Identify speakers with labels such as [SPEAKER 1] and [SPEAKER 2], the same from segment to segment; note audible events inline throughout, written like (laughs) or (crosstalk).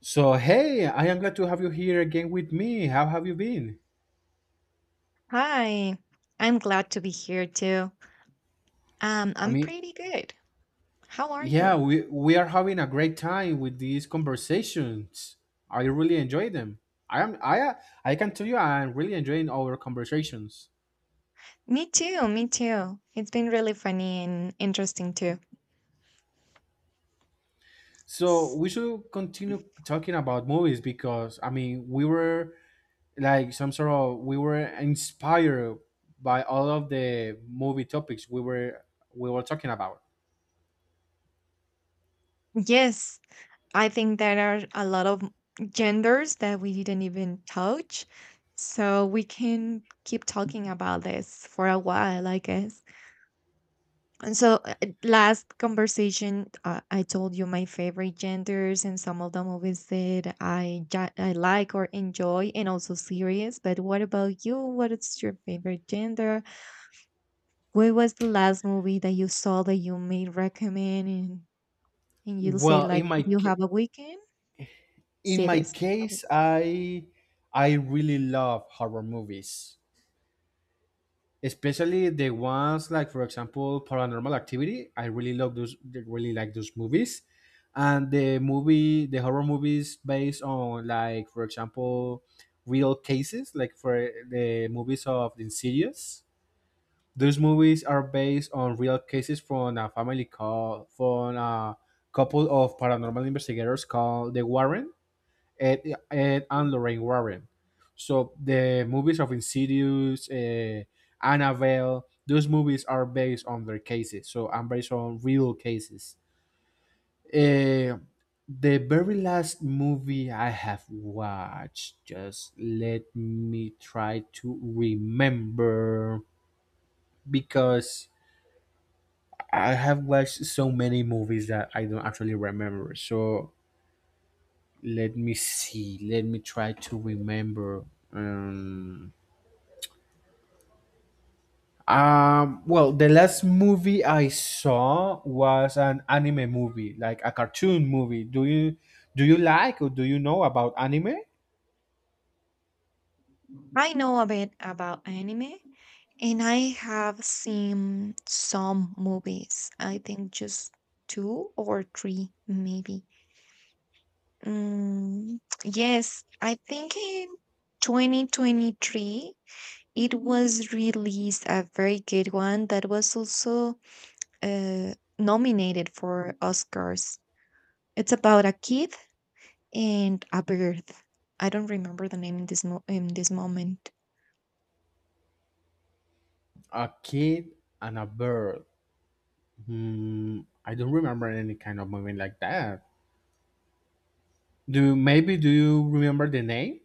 [SPEAKER 1] So hey, I am glad to have you here again with me. How have you been?
[SPEAKER 2] Hi, I'm glad to be here too.
[SPEAKER 1] I
[SPEAKER 2] I'm
[SPEAKER 1] mean,
[SPEAKER 2] pretty good. How are
[SPEAKER 1] yeah,
[SPEAKER 2] you?
[SPEAKER 1] we are having a great time with these conversations. I really enjoy them. I am I I can tell you I'm really enjoying our conversations.
[SPEAKER 2] Me too, me too. It's been really funny and interesting too.
[SPEAKER 1] So
[SPEAKER 2] S-
[SPEAKER 1] we should continue talking about movies because I mean we were like some sort of, we were inspired by all of the movie topics we were talking about.
[SPEAKER 2] Yes, I think there are a lot of genders that we didn't even touch, so we can keep talking about this for a while, I guess. And so, last conversation, I told you my favorite genders and some of the movies that I like or enjoy, and also series. But what about you? What is your favorite gender? What was the last movie that you saw that you may recommend? And you'll say,
[SPEAKER 1] Well,
[SPEAKER 2] like, if you have a weekend,
[SPEAKER 1] in
[SPEAKER 2] see
[SPEAKER 1] my
[SPEAKER 2] this.
[SPEAKER 1] case I really love horror movies, especially the ones like, for example, paranormal activity. I really love those, really like those movies. And the horror movies based on, like, for example, real cases, like for the movies of Insidious. Those movies are based on real cases from a family called from a couple of paranormal investigators called the Ed, Ed and Lorraine Warren. So the movies of Insidious, Annabelle, those movies are based on their cases. So I'm based on real cases. Uh, the very last movie I have watched, just let me try to remember, because I have watched so many movies that I don't actually remember. So let me see. Let me try to remember. Um, well, the last movie I saw was an anime movie, like a cartoon movie. Do you like, or do you know about anime?
[SPEAKER 2] I know a bit about anime, and I have seen some movies. I think just two or three, maybe. Mm, yes, I think in 2023 it was released a very good one that was also nominated for Oscars. It's about a kid and a bird. I don't remember the name in this mo in this moment.
[SPEAKER 1] A kid and a bird. Hmm, I don't remember any kind of movie like that. Do maybe do you remember the name?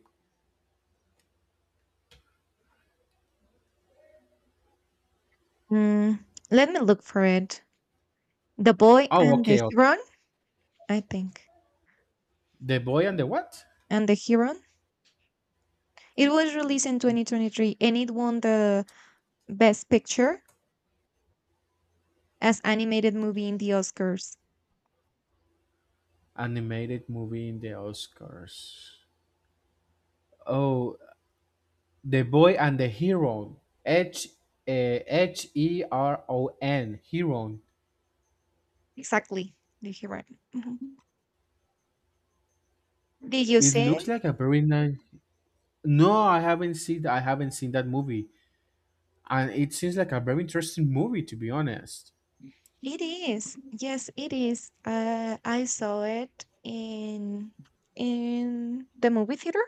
[SPEAKER 2] Mm, let me look for it. The Boy
[SPEAKER 1] Oh,
[SPEAKER 2] and the
[SPEAKER 1] okay, okay.
[SPEAKER 2] Heron, I think.
[SPEAKER 1] The boy and the what?
[SPEAKER 2] And the Heron. It was released in 2023 and it won the Best Picture as animated movie in the Oscars.
[SPEAKER 1] Animated movie in the Oscars. Oh, the boy and the hero. Heron. Hero.
[SPEAKER 2] Exactly. Did you, right? Mhm. Did you
[SPEAKER 1] It
[SPEAKER 2] see
[SPEAKER 1] looks
[SPEAKER 2] it?
[SPEAKER 1] like a very nice. No, I haven't seen that movie, and it seems like a very interesting movie, to be honest.
[SPEAKER 2] It is. Yes, it is. I saw it in the movie theater.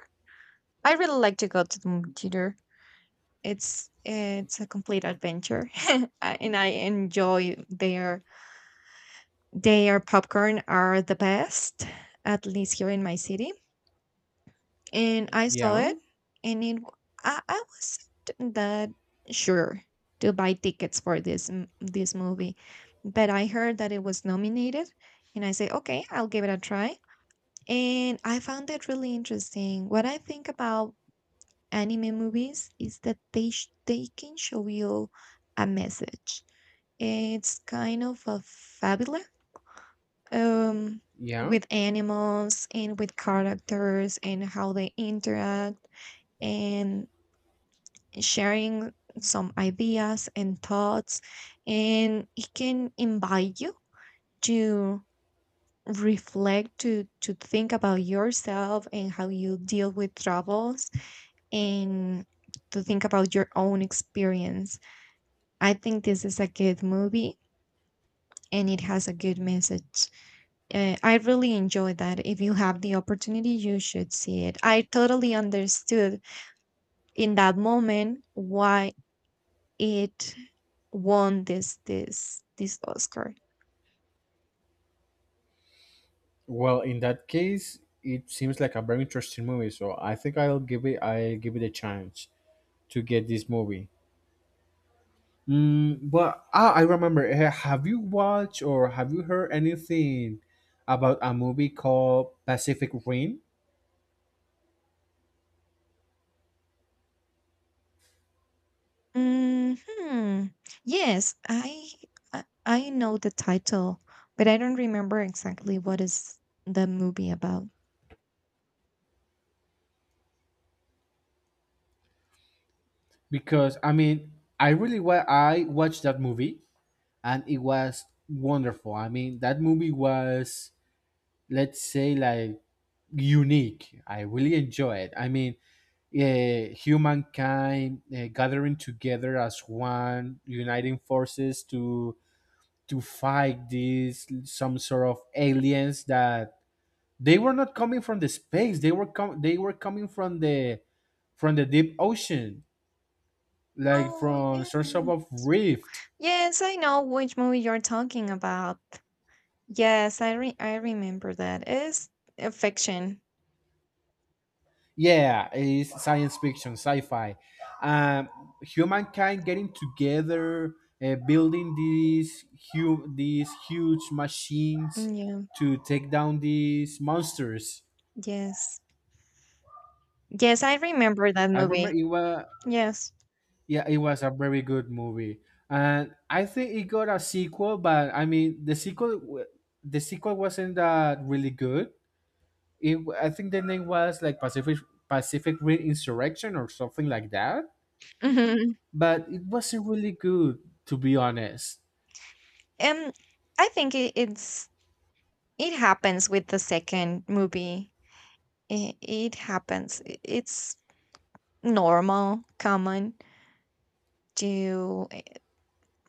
[SPEAKER 2] I really like to go to the movie theater. It's a complete adventure, (laughs) and I enjoy their popcorn are the best, at least here in my city. And I saw
[SPEAKER 1] Yeah,
[SPEAKER 2] it. I wasn't that sure to buy tickets for this movie, but I heard that it was nominated, and I say, okay, I'll give it a try. And I found it really interesting. What I think about anime movies is that they can show you a message. It's kind of a fabula. Um,
[SPEAKER 1] yeah.
[SPEAKER 2] with animals and with characters and how they interact and sharing some ideas and thoughts, and it can invite you to reflect to think about yourself and how you deal with troubles, and to think about your own experience. I think this is a good movie and it has a good message. I really enjoyed that. If you have the opportunity, you should see it. I totally understood in that moment why it won this Oscar.
[SPEAKER 1] Well, in that case, it seems like a very interesting movie. So I think I'll give it a chance to get this movie. But I remember. Have you watched or have you heard anything about a movie called Pacific Rim?
[SPEAKER 2] Hmm. Yes, I know the title, but I don't remember exactly what is the movie about.
[SPEAKER 1] Because I mean, I really I watched that movie, and it was wonderful. I mean, that movie was, let's say, like, unique. I really enjoy it. I mean, humankind, gathering together as one, uniting forces to fight these some sort of aliens that they were not coming from the space. They were coming from the deep ocean, like
[SPEAKER 2] Oh
[SPEAKER 1] from some sort
[SPEAKER 2] yeah.
[SPEAKER 1] of rift.
[SPEAKER 2] Yes, I know which movie you're talking about. Yes, I remember that. It's a fiction.
[SPEAKER 1] Yeah, it's science fiction, sci-fi. Um, Humankind getting together, building these huge machines
[SPEAKER 2] Mm, yeah.
[SPEAKER 1] to take down these monsters.
[SPEAKER 2] Yes. Yes, I remember that
[SPEAKER 1] I remember
[SPEAKER 2] movie.
[SPEAKER 1] it was
[SPEAKER 2] Yes.
[SPEAKER 1] yeah, it was a very good movie, and I think it got a sequel. But I mean, the sequel wasn't that really good. I think the name was like Pacific Rim Insurrection or something like that,
[SPEAKER 2] hmm
[SPEAKER 1] but it wasn't really good, to be honest.
[SPEAKER 2] Um, I think it it happens with the second movie. It happens. It's normal, common to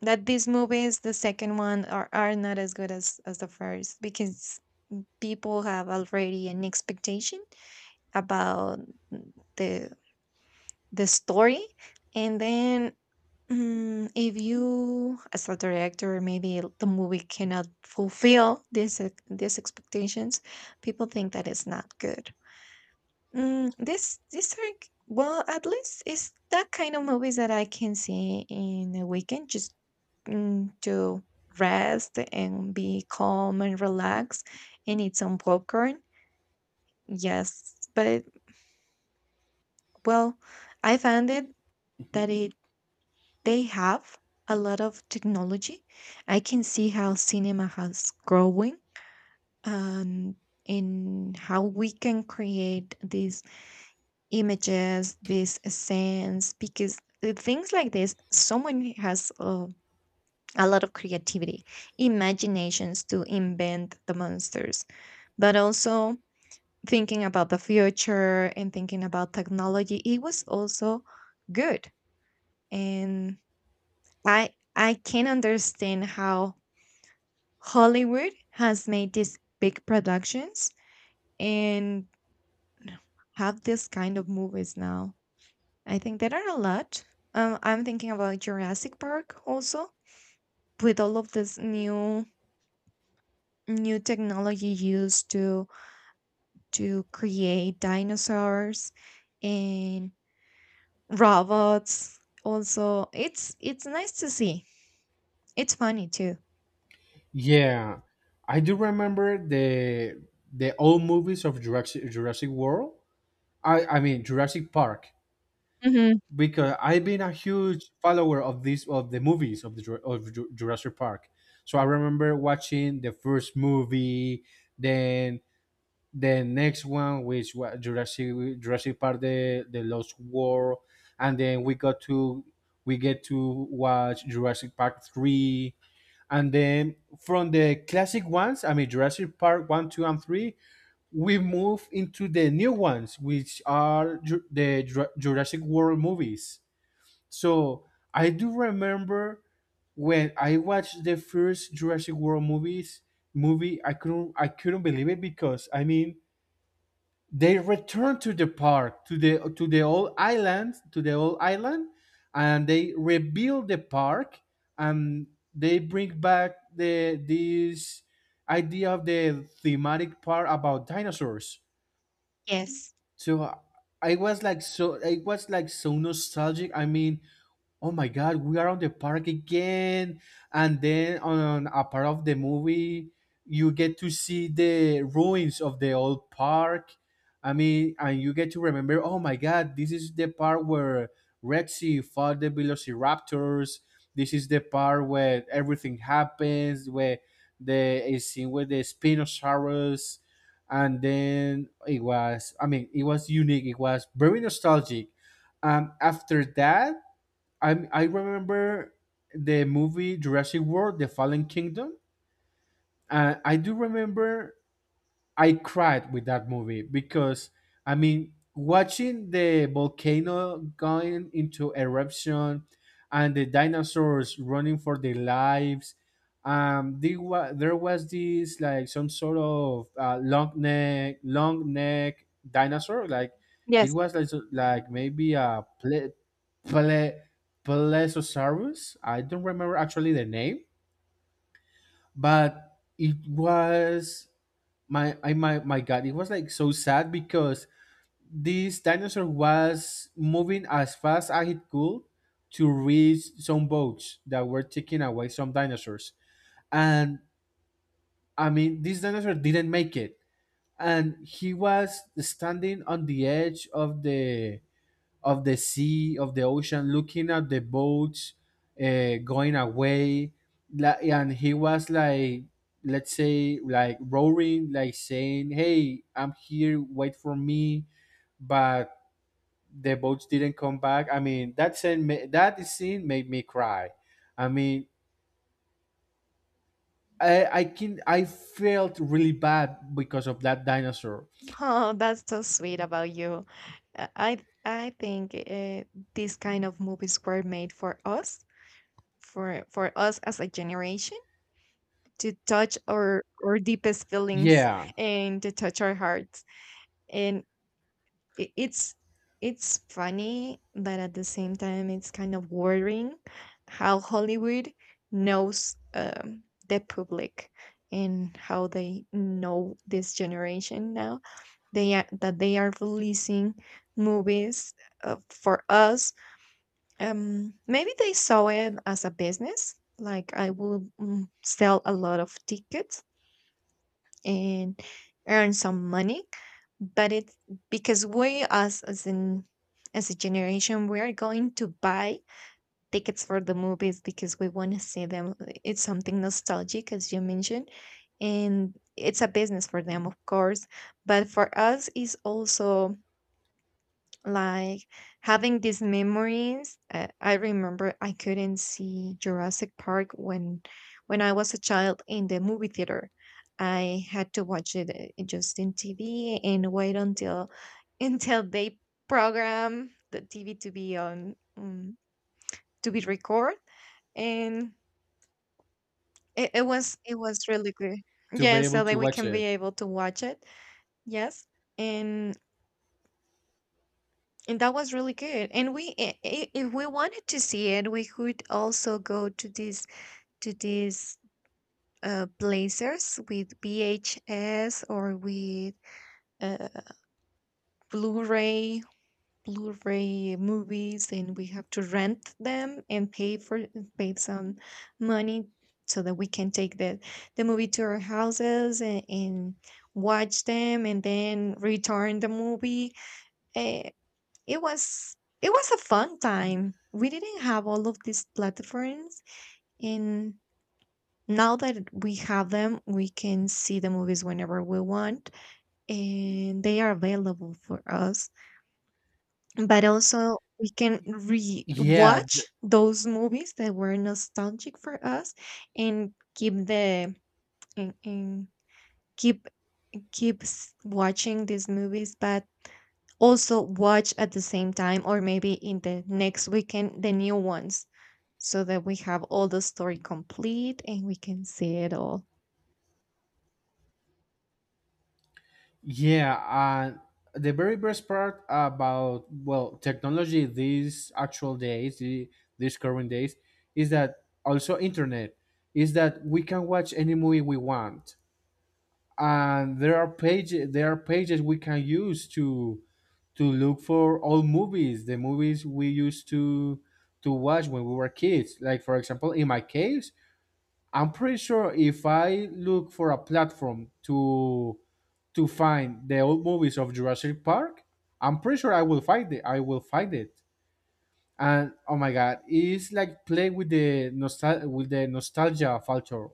[SPEAKER 2] that these movies, the second one, are not as good as the first because people have already an expectation about the the story, and then, if you as a director, maybe the movie cannot fulfill these expectations, people think that it's not good. This These are well, at least it's that kind of movies that I can see in a weekend, just, to rest and be calm and relax and eat some popcorn. Yes, but, well, I found it that it, they have a lot of technology. I can see how cinema has growing and in how we can create these images, these scenes, because the things like this, someone has a lot of creativity, imaginations to invent the monsters, but also thinking about the future and thinking about technology. It was also good, and I can understand how Hollywood has made these big productions and have this kind of movies now. I think there are a lot. I'm thinking about Jurassic Park also, with all of this new technology used to create dinosaurs and robots. Also, it's nice to see. It's funny too.
[SPEAKER 1] Yeah, I do remember the old movies of Jurassic World. I mean Jurassic Park,
[SPEAKER 2] hmm
[SPEAKER 1] because I've been a huge follower of these of the movies of the Jur- of Ju- Jurassic Park. So I remember watching the first movie, then the next one, which was Jurassic Park, the Lost World, and then we get to watch Jurassic Park three And then from the classic ones, I mean Jurassic Park 1, 2, and 3, we move into the new ones, which are Jurassic World movies. So I do remember when I watched the first Jurassic World movie, I couldn't believe it, because I mean they return to the park, to the old island, and they rebuild the park, and they bring back the this idea of the thematic part about dinosaurs.
[SPEAKER 2] Yes.
[SPEAKER 1] So I was like so nostalgic. I mean, oh my god, we are on the park again. And then on a part of the movie, you get to see the ruins of the old park. I mean, and you get to remember, oh my god, this is the part where Rexy fought the velociraptors. This is the part where everything happens, where the a scene with the spinosaurus. And then it was, I mean, it was unique, it was very nostalgic. After that, I remember the movie Jurassic World: The Fallen Kingdom. I do remember I cried with that movie, because I mean, watching the volcano going into eruption and the dinosaurs running for their lives. There was, this like some sort of, long neck dinosaur, like it
[SPEAKER 2] Yes.
[SPEAKER 1] was like like maybe a ple, plesiosaurus. I don't remember actually the name. But it was, my I my my god, it was like so sad, because this dinosaur was moving as fast as it could to reach some boats that were taking away some dinosaurs. And I mean, this dinosaur didn't make it. And he was standing on the edge of the, sea, of the ocean, looking at the boats, going away. And he was like, let's say, like, roaring, like saying, "Hey, I'm here, wait for me." But the boats didn't come back. I mean, that scene, that scene made me cry. I mean, I felt really bad because of that dinosaur.
[SPEAKER 2] Oh, that's so sweet about you. Uh, I I think these kind of movies were made for us, for us as a generation, to touch our deepest feelings
[SPEAKER 1] Yeah,
[SPEAKER 2] and to touch our hearts. And i- it's it's funny, but at the same time, it's kind of worrying how Hollywood knows the public, and how they know this generation now, they are, that they are releasing movies for us. Maybe they saw it as a business, like I will, sell a lot of tickets and earn some money. But it's because we as in as a generation, we are going to buy tickets for the movies because we want to see them. It's something nostalgic, as you mentioned, and it's a business for them, of course. But for us, it's also like having these memories. I remember I couldn't see Jurassic Park when I was a child in the movie theater. I had to watch it just in TV and wait until (laughs) until they program the TV to be on, to be record, and it was, it was really good.
[SPEAKER 1] to be
[SPEAKER 2] Yeah,
[SPEAKER 1] able
[SPEAKER 2] so
[SPEAKER 1] to
[SPEAKER 2] that we
[SPEAKER 1] watch
[SPEAKER 2] can be
[SPEAKER 1] it.
[SPEAKER 2] able to watch it. Yes. And And that was really good. And we, if we wanted to see it, we could also go to these blazers with VHS or with uh, Blu-ray, Blu-ray movies, and we have to rent them and pay for, pay some money, so that we can take the movie to our houses and watch them, and then return the movie. Eh, it was it was a fun time. We didn't have all of these platforms, and now that we have them, we can see the movies whenever we want and they are available for us. But also we can
[SPEAKER 1] Yeah,
[SPEAKER 2] re-watch those movies that were nostalgic for us, and keep the and keep keep watching these movies, but also watch at the same time or maybe in the next weekend the new ones, so that we have all the story complete and we can see it all.
[SPEAKER 1] yeah, and the very best part about, well, technology these actual days, these current days, is that also internet, is that we can watch any movie we want, and there are pages we can use to look for all movies, the movies we used to watch when we were kids. Like, for example, in my case, I'm pretty sure if I look for a platform to find the old movies of Jurassic Park, I'm pretty sure I will find it. I will find it. And oh my god, it's like playing with the nostalgia factor.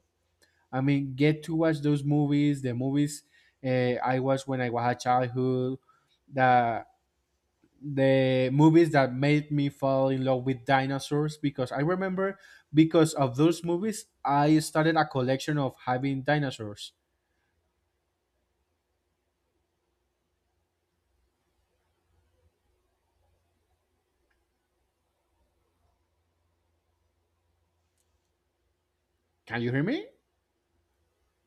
[SPEAKER 1] I mean, get to watch those movies, the movies, I watched when I was a childhood, the the movies that made me fall in love with dinosaurs, because I remember, because of those movies, I started a collection of having dinosaurs. Can you hear me?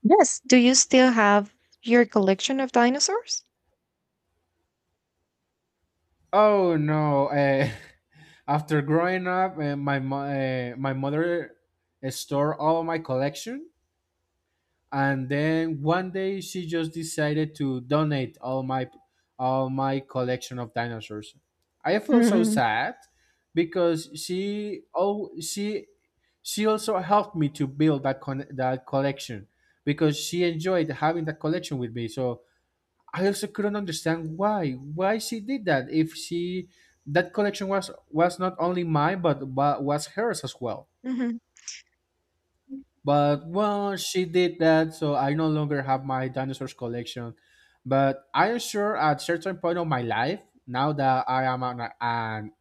[SPEAKER 2] Yes. Do you still have your collection of dinosaurs?
[SPEAKER 1] Oh no! (laughs) After growing up, my mother stored all my collection, and then one day she just decided to donate all my collection of dinosaurs. I feel so
[SPEAKER 2] Mhm.
[SPEAKER 1] sad, because she oh she also helped me to build that collection, because she enjoyed having that collection with me. So I also couldn't understand why she did that, if she that collection was not only mine, but was hers as well.
[SPEAKER 2] Mhm.
[SPEAKER 1] But well, she did that, so I no longer have my dinosaurs collection. But I am sure at certain point of my life, now that I am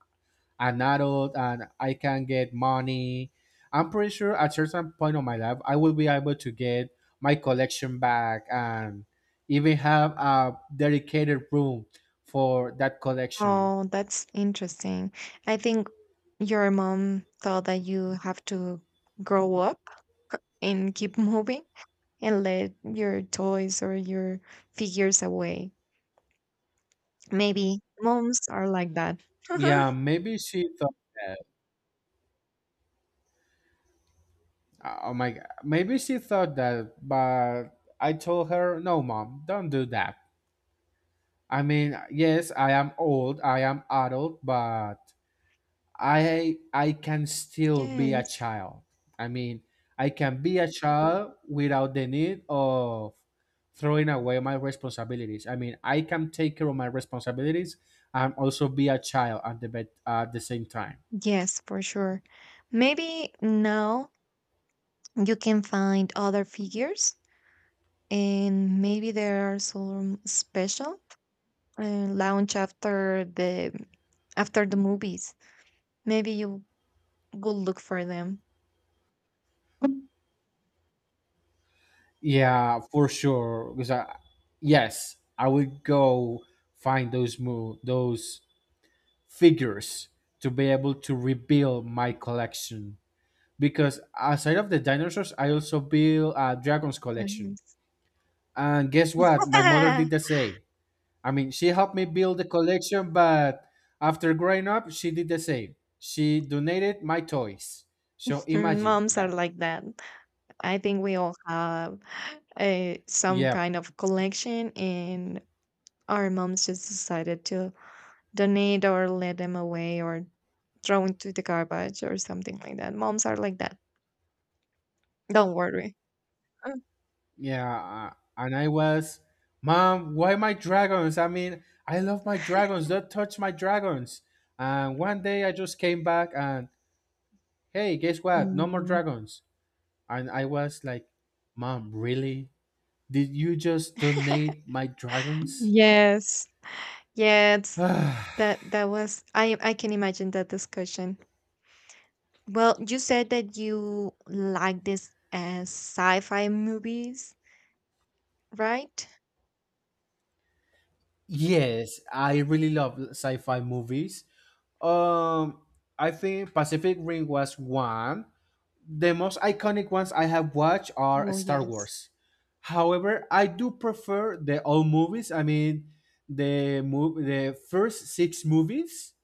[SPEAKER 1] an adult and I can get money, I'm pretty sure at certain point of my life I will be able to get my collection back and even have a dedicated room for that collection.
[SPEAKER 2] Oh, that's interesting. I think your mom thought that you have to grow up and keep (laughs) moving, and let your toys or your figures away. Maybe moms are like that.
[SPEAKER 1] Yeah,
[SPEAKER 2] (laughs)
[SPEAKER 1] maybe she thought that. Oh my god, maybe she thought that, but I told her, no, mom, don't do that. I mean, yes, I am old, I am adult, but I can still be a
[SPEAKER 2] Yes,
[SPEAKER 1] child. I mean, I can be a child without the need of throwing away my responsibilities. I mean, I can take care of my responsibilities and also be a child at the bet at the same time.
[SPEAKER 2] yes, for sure. Maybe now you can find other figures, and maybe there are some special uh, launch after the movies. Maybe you will look for them.
[SPEAKER 1] Yeah, for sure. Because I, yes, I would go find those figures to be able to rebuild my collection. Because, aside of the dinosaurs, I also build a dragons collection.
[SPEAKER 2] Yes.
[SPEAKER 1] And guess what? My mother did the
[SPEAKER 2] (laughs)
[SPEAKER 1] same. I mean, she helped me build the collection, but after growing up, she did the same. She donated my toys. So imagine
[SPEAKER 2] Moms are
[SPEAKER 1] that.
[SPEAKER 2] like that. I think we all have a, some
[SPEAKER 1] Yeah,
[SPEAKER 2] kind of collection, and our moms just decided to donate or let them away or throw into the garbage or something like that. Moms are like that. Don't worry.
[SPEAKER 1] yeah. And I was, "Mom, why my dragons? I mean, I love my dragons. Don't touch my dragons." And one day I just came back and, "Hey, guess what? No more
[SPEAKER 2] Mm.
[SPEAKER 1] dragons." And I was like, "Mom, really? Did you just donate my dragons?"
[SPEAKER 2] Yes. Yeah, it's
[SPEAKER 1] (sighs)
[SPEAKER 2] that, that was, I can imagine that discussion. Well, you said that you like this as sci-fi movies, right?
[SPEAKER 1] Yes, I really love sci-fi movies. Um, I think Pacific Rim was one. The most iconic ones I have watched are
[SPEAKER 2] Oh,
[SPEAKER 1] Star
[SPEAKER 2] yes.
[SPEAKER 1] Wars. However, I do prefer the old movies. I mean, the first six movies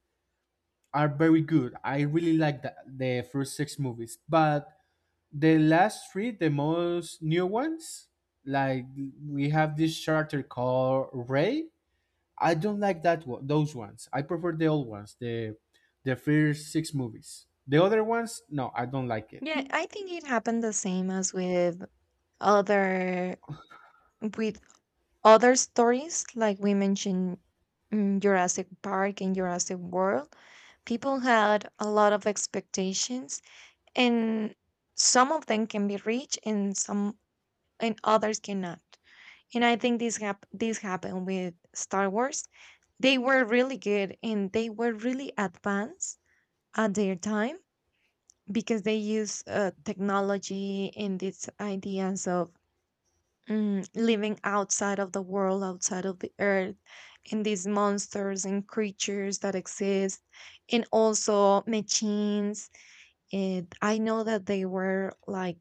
[SPEAKER 1] are very good. I really like the first six movies, but the last three, the most new ones, like, we have this character called Ray. I don't like that one, those ones. I prefer the old ones, the first six movies. The other ones, no, I don't like it.
[SPEAKER 2] Yeah, I think it happened the same as with other, with other stories like we mentioned, Jurassic Park and Jurassic World. People had a lot of expectations, and some of them can be reached and some, and others cannot. And I think this this happened with Star Wars. They were really good and they were really advanced at their time because they use technology and these ideas of, living outside of the world, outside of the earth, and these monsters and creatures that exist, and also machines. And I know that they were like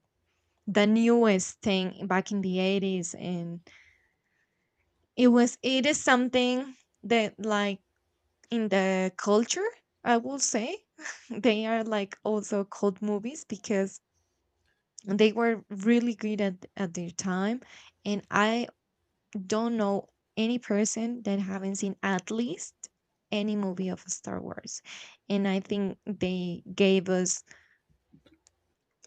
[SPEAKER 2] the newest thing back in the 80s, and it was, it is something that, like, in the culture, I will say, they are like also cult movies because they were really good at their time, and I don't know any person that haven't seen at least any movie of Star Wars. And I think they gave us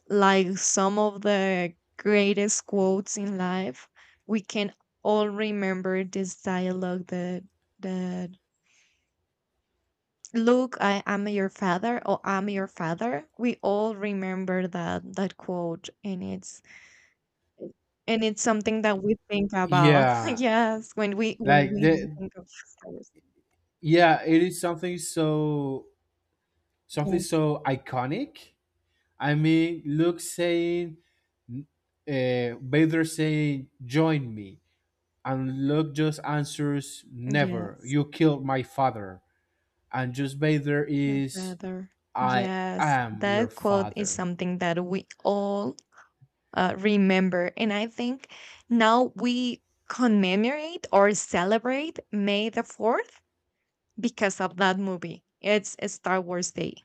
[SPEAKER 2] like some of the greatest quotes in life. We can all remember this dialogue that, that, look, I am your father, or I'm your father. We all remember that, that quote, and it's something that we think about.
[SPEAKER 1] Yeah,
[SPEAKER 2] (laughs) Yes, when we, when
[SPEAKER 1] like
[SPEAKER 2] we
[SPEAKER 1] the
[SPEAKER 2] think of fathers.
[SPEAKER 1] yeah, it is something so, something
[SPEAKER 2] Yes,
[SPEAKER 1] so iconic. I mean, Luke saying, uh, Vader saying, "Join me," and Luke just answers, "Never.
[SPEAKER 2] yes,
[SPEAKER 1] You killed my father." And just Vader
[SPEAKER 2] your
[SPEAKER 1] is,
[SPEAKER 2] father.
[SPEAKER 1] "I
[SPEAKER 2] Yes,
[SPEAKER 1] am your
[SPEAKER 2] that quote is
[SPEAKER 1] father."
[SPEAKER 2] something that we all remember, and I think now we commemorate or celebrate May the Fourth because of that movie. It's a Star Wars Day.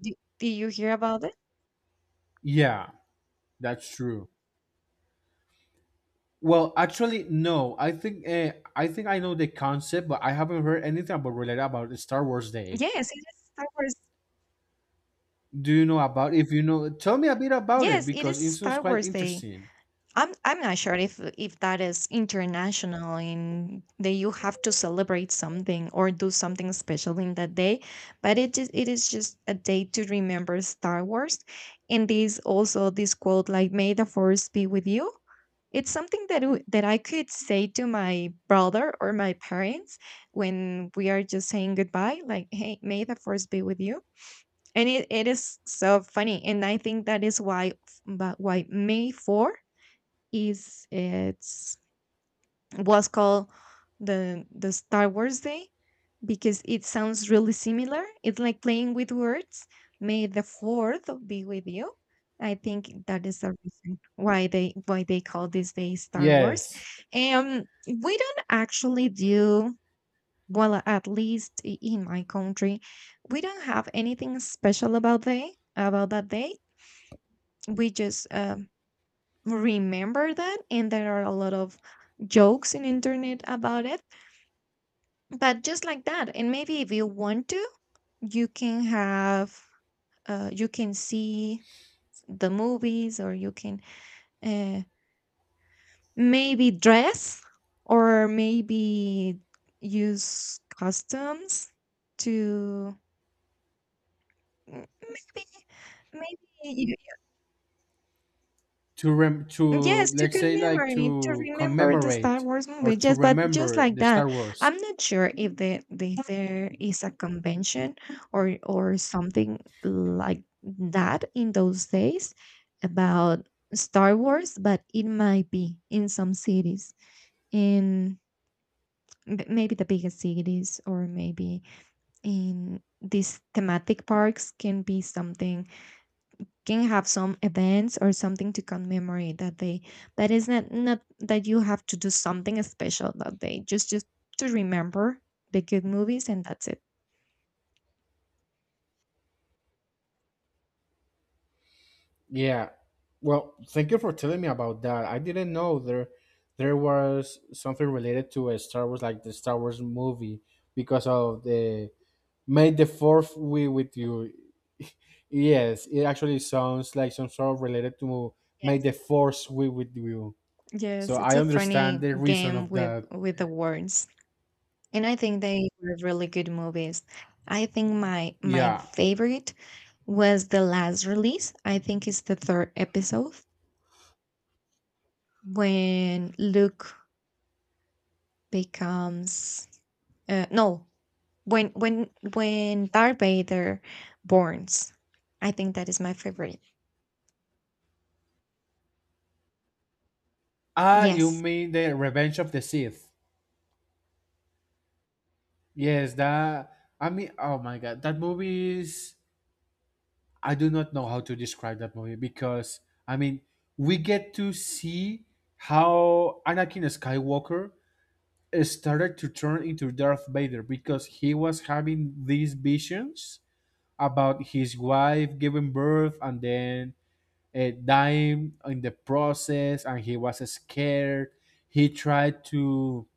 [SPEAKER 2] Do, do you hear about it?
[SPEAKER 1] Yeah, that's true. Well, actually, no. I think I know the concept, but I haven't heard anything about related about Star Wars Day.
[SPEAKER 2] Yes, it is Star Wars.
[SPEAKER 1] Do you know about? If you know, tell me a bit about it,
[SPEAKER 2] Yes, it
[SPEAKER 1] because
[SPEAKER 2] is
[SPEAKER 1] it sounds
[SPEAKER 2] Star
[SPEAKER 1] quite
[SPEAKER 2] Wars Day.
[SPEAKER 1] interesting.
[SPEAKER 2] I'm not sure if that is international in that you have to celebrate something or do something special in that day, but it is just a day to remember Star Wars. And this also this quote like "May the Force be with you." It's something that that I could say to my brother or my parents when we are just saying goodbye, like "Hey, may the Force be with you." And it is so funny, and I think that is why. But why May 4 is it's was called the Star Wars Day? Because it sounds really similar. It's like playing with words: "May the 4th be with you." I think that is the reason why they call this day Star Wars.
[SPEAKER 1] Yes.
[SPEAKER 2] And we don't actually do, well, at least in my country, we don't have anything special about they about that day. We just remember that, and there are a lot of jokes in internet about it. But just like that. And maybe if you want to, you can have, you can see the movies, or you can uh, maybe dress, or maybe use costumes to... Mm, Maybe, maybe,
[SPEAKER 1] To rem to
[SPEAKER 2] yes, to
[SPEAKER 1] Let's say, like,
[SPEAKER 2] commemorate, to
[SPEAKER 1] to
[SPEAKER 2] remember the Star
[SPEAKER 1] commemorate,
[SPEAKER 2] Wars
[SPEAKER 1] or
[SPEAKER 2] movie.
[SPEAKER 1] to
[SPEAKER 2] Yes, but just
[SPEAKER 1] remember
[SPEAKER 2] like
[SPEAKER 1] the
[SPEAKER 2] that.
[SPEAKER 1] Star Wars.
[SPEAKER 2] I'm not sure if there is a convention, or something like that in those days about Star Wars, but it might be in some cities, in maybe the biggest cities, or maybe in these thematic parks can be something, can have some events or something to commemorate that day. That is not that you have to do something special that day. Just to remember the good movies, and that's it.
[SPEAKER 1] Yeah. Well, thank you for telling me about that. I didn't know there was something related to a Star Wars, like the Star Wars movie, because of the "May the fourth be with you." Yes, it actually sounds like some sort of related to "May the
[SPEAKER 2] Yes.
[SPEAKER 1] Force be with you." So
[SPEAKER 2] Yes, it's
[SPEAKER 1] I
[SPEAKER 2] a
[SPEAKER 1] understand
[SPEAKER 2] funny
[SPEAKER 1] the reason
[SPEAKER 2] game
[SPEAKER 1] of
[SPEAKER 2] with
[SPEAKER 1] that.
[SPEAKER 2] the words. And I think they were really good movies. I think my
[SPEAKER 1] Yeah.
[SPEAKER 2] favorite was the last release. I think it's the third episode when Luke becomes... No, when Darth Vader burns, I think that is my favorite.
[SPEAKER 1] Ah, you
[SPEAKER 2] Yes,
[SPEAKER 1] mean the Revenge of the Sith? Yes, that. I mean, oh my god, that movie is. I do not know how to describe that movie, because I mean, we get to see how Anakin Skywalker started to turn into Darth Vader, because he was having these visions about his wife giving birth and then, dying in the process, and he was scared. He tried to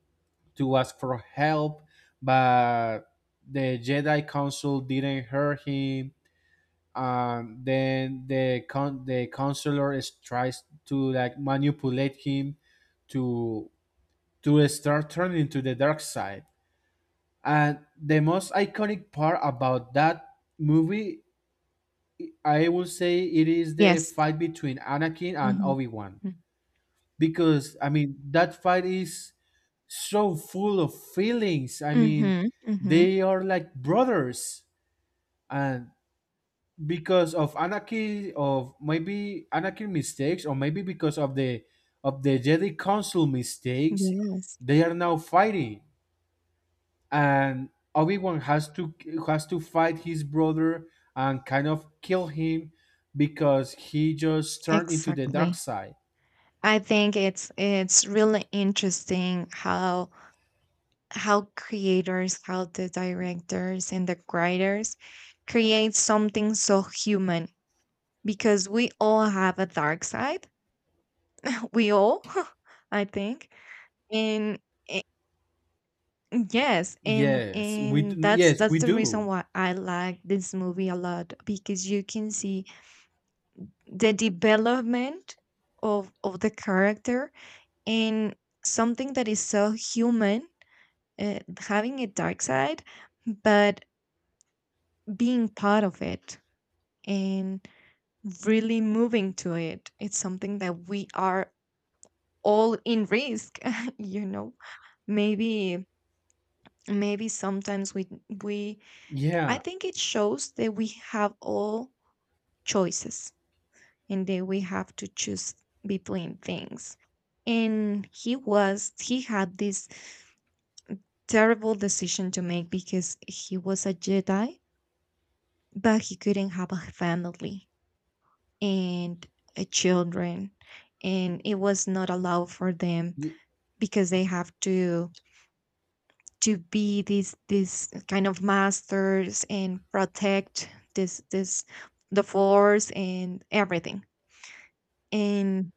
[SPEAKER 1] ask for help, but the Jedi council didn't hear him. Then the counselor is tries to, like, manipulate him to start turning to the dark side. And the most iconic part about that movie, I will say it is the
[SPEAKER 2] yes.
[SPEAKER 1] fight between Anakin and
[SPEAKER 2] Mm-hmm.
[SPEAKER 1] Obi Wan because I mean, that fight is so full of feelings. I mean,
[SPEAKER 2] Mm-hmm. Mm-hmm.
[SPEAKER 1] they are like brothers, and because of Anakin, of maybe Anakin mistakes, or maybe because of the Jedi Council mistakes,
[SPEAKER 2] Yes,
[SPEAKER 1] they are now fighting. And Obi-Wan has to, fight his brother and kind of kill him, because he just turned into the dark
[SPEAKER 2] exactly.
[SPEAKER 1] side.
[SPEAKER 2] I think it's really interesting how creators, how the directors and the writers create something so human, because we all have a dark side. (laughs) We all, (laughs) I think. And yes, and
[SPEAKER 1] Yes,
[SPEAKER 2] that's
[SPEAKER 1] yes,
[SPEAKER 2] that's
[SPEAKER 1] we
[SPEAKER 2] the reason
[SPEAKER 1] do.
[SPEAKER 2] why I like this movie a lot, because you can see the development of the character, and something that is so human, having a dark side, but being part of it and really moving to it. It's something that we are all in risk, (laughs) you know. Maybe, maybe sometimes we I
[SPEAKER 1] Yeah.
[SPEAKER 2] think it shows that we have all choices, and that we have to choose between things. And he was, he had this terrible decision to make, because he was a Jedi, but he couldn't have a family and a children. And it was not allowed for them,
[SPEAKER 1] Y-
[SPEAKER 2] because they have to be these kind of masters and protect this the force and everything. And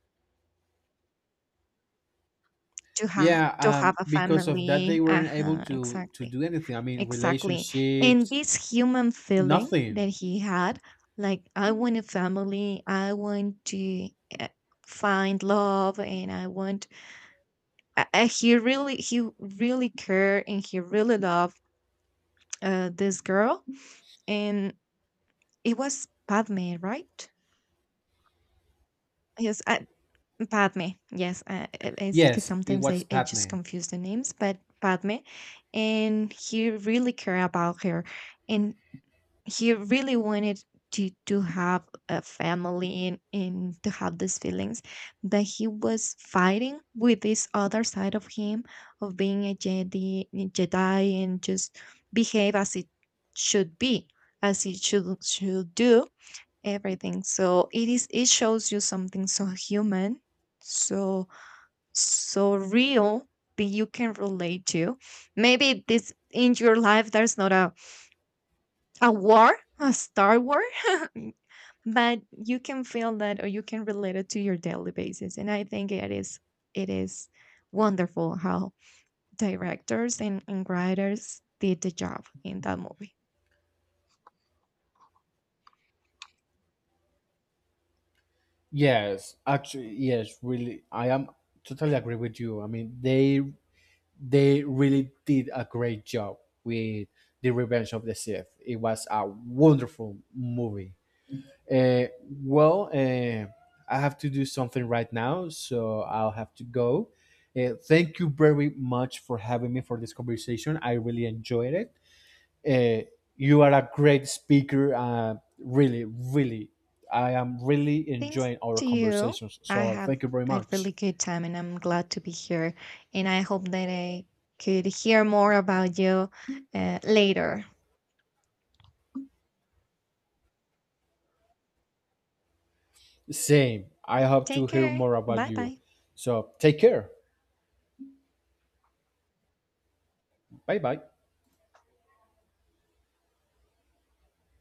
[SPEAKER 2] to have
[SPEAKER 1] Yeah,
[SPEAKER 2] to have a
[SPEAKER 1] because of that, they
[SPEAKER 2] family.
[SPEAKER 1] weren't able
[SPEAKER 2] Uh-huh,
[SPEAKER 1] to
[SPEAKER 2] exactly.
[SPEAKER 1] do anything. I mean,
[SPEAKER 2] Exactly. And
[SPEAKER 1] relationships,
[SPEAKER 2] this human feeling
[SPEAKER 1] nothing.
[SPEAKER 2] that he had, like, I want a family, I want to, uh, find love, and I want, he really cared and he really loved, this girl. And it was Padme, right? Yes, I, Padme. Yes, it's because
[SPEAKER 1] Yes, it
[SPEAKER 2] sometimes
[SPEAKER 1] was
[SPEAKER 2] I just
[SPEAKER 1] Padme.
[SPEAKER 2] confuse the names, but Padme. And he really cared about her. And he really wanted to have a family, and to have these feelings, that he was fighting with this other side of him, of being a Jedi and just behave as it should be, as it should do everything. So it is, it shows you something so human, so so real, that you can relate to. Maybe this in your life there's not a war, a star war, (laughs) but you can feel that, or you can relate it to your daily basis. And I think it is wonderful how directors and writers did the job in that movie.
[SPEAKER 1] Yes, actually, yes, really, I am totally agree with you. I mean, they really did a great job with the Revenge of the Sith. It was a wonderful movie. Uh, well, I have to do something right now, so I'll have to go. Thank you very much for having me for this conversation. I really enjoyed it. Uh, you are a great speaker. Really, really, I am really
[SPEAKER 2] Thanks
[SPEAKER 1] enjoying our
[SPEAKER 2] to you.
[SPEAKER 1] conversations.
[SPEAKER 2] I
[SPEAKER 1] So
[SPEAKER 2] have
[SPEAKER 1] thank you very
[SPEAKER 2] a
[SPEAKER 1] much.
[SPEAKER 2] really good time and I'm glad to be here. And I hope that I could hear more about you later.
[SPEAKER 1] Same. I hope to
[SPEAKER 2] Take
[SPEAKER 1] hear
[SPEAKER 2] care.
[SPEAKER 1] more about
[SPEAKER 2] Bye
[SPEAKER 1] you.
[SPEAKER 2] bye.
[SPEAKER 1] So take care. Bye bye.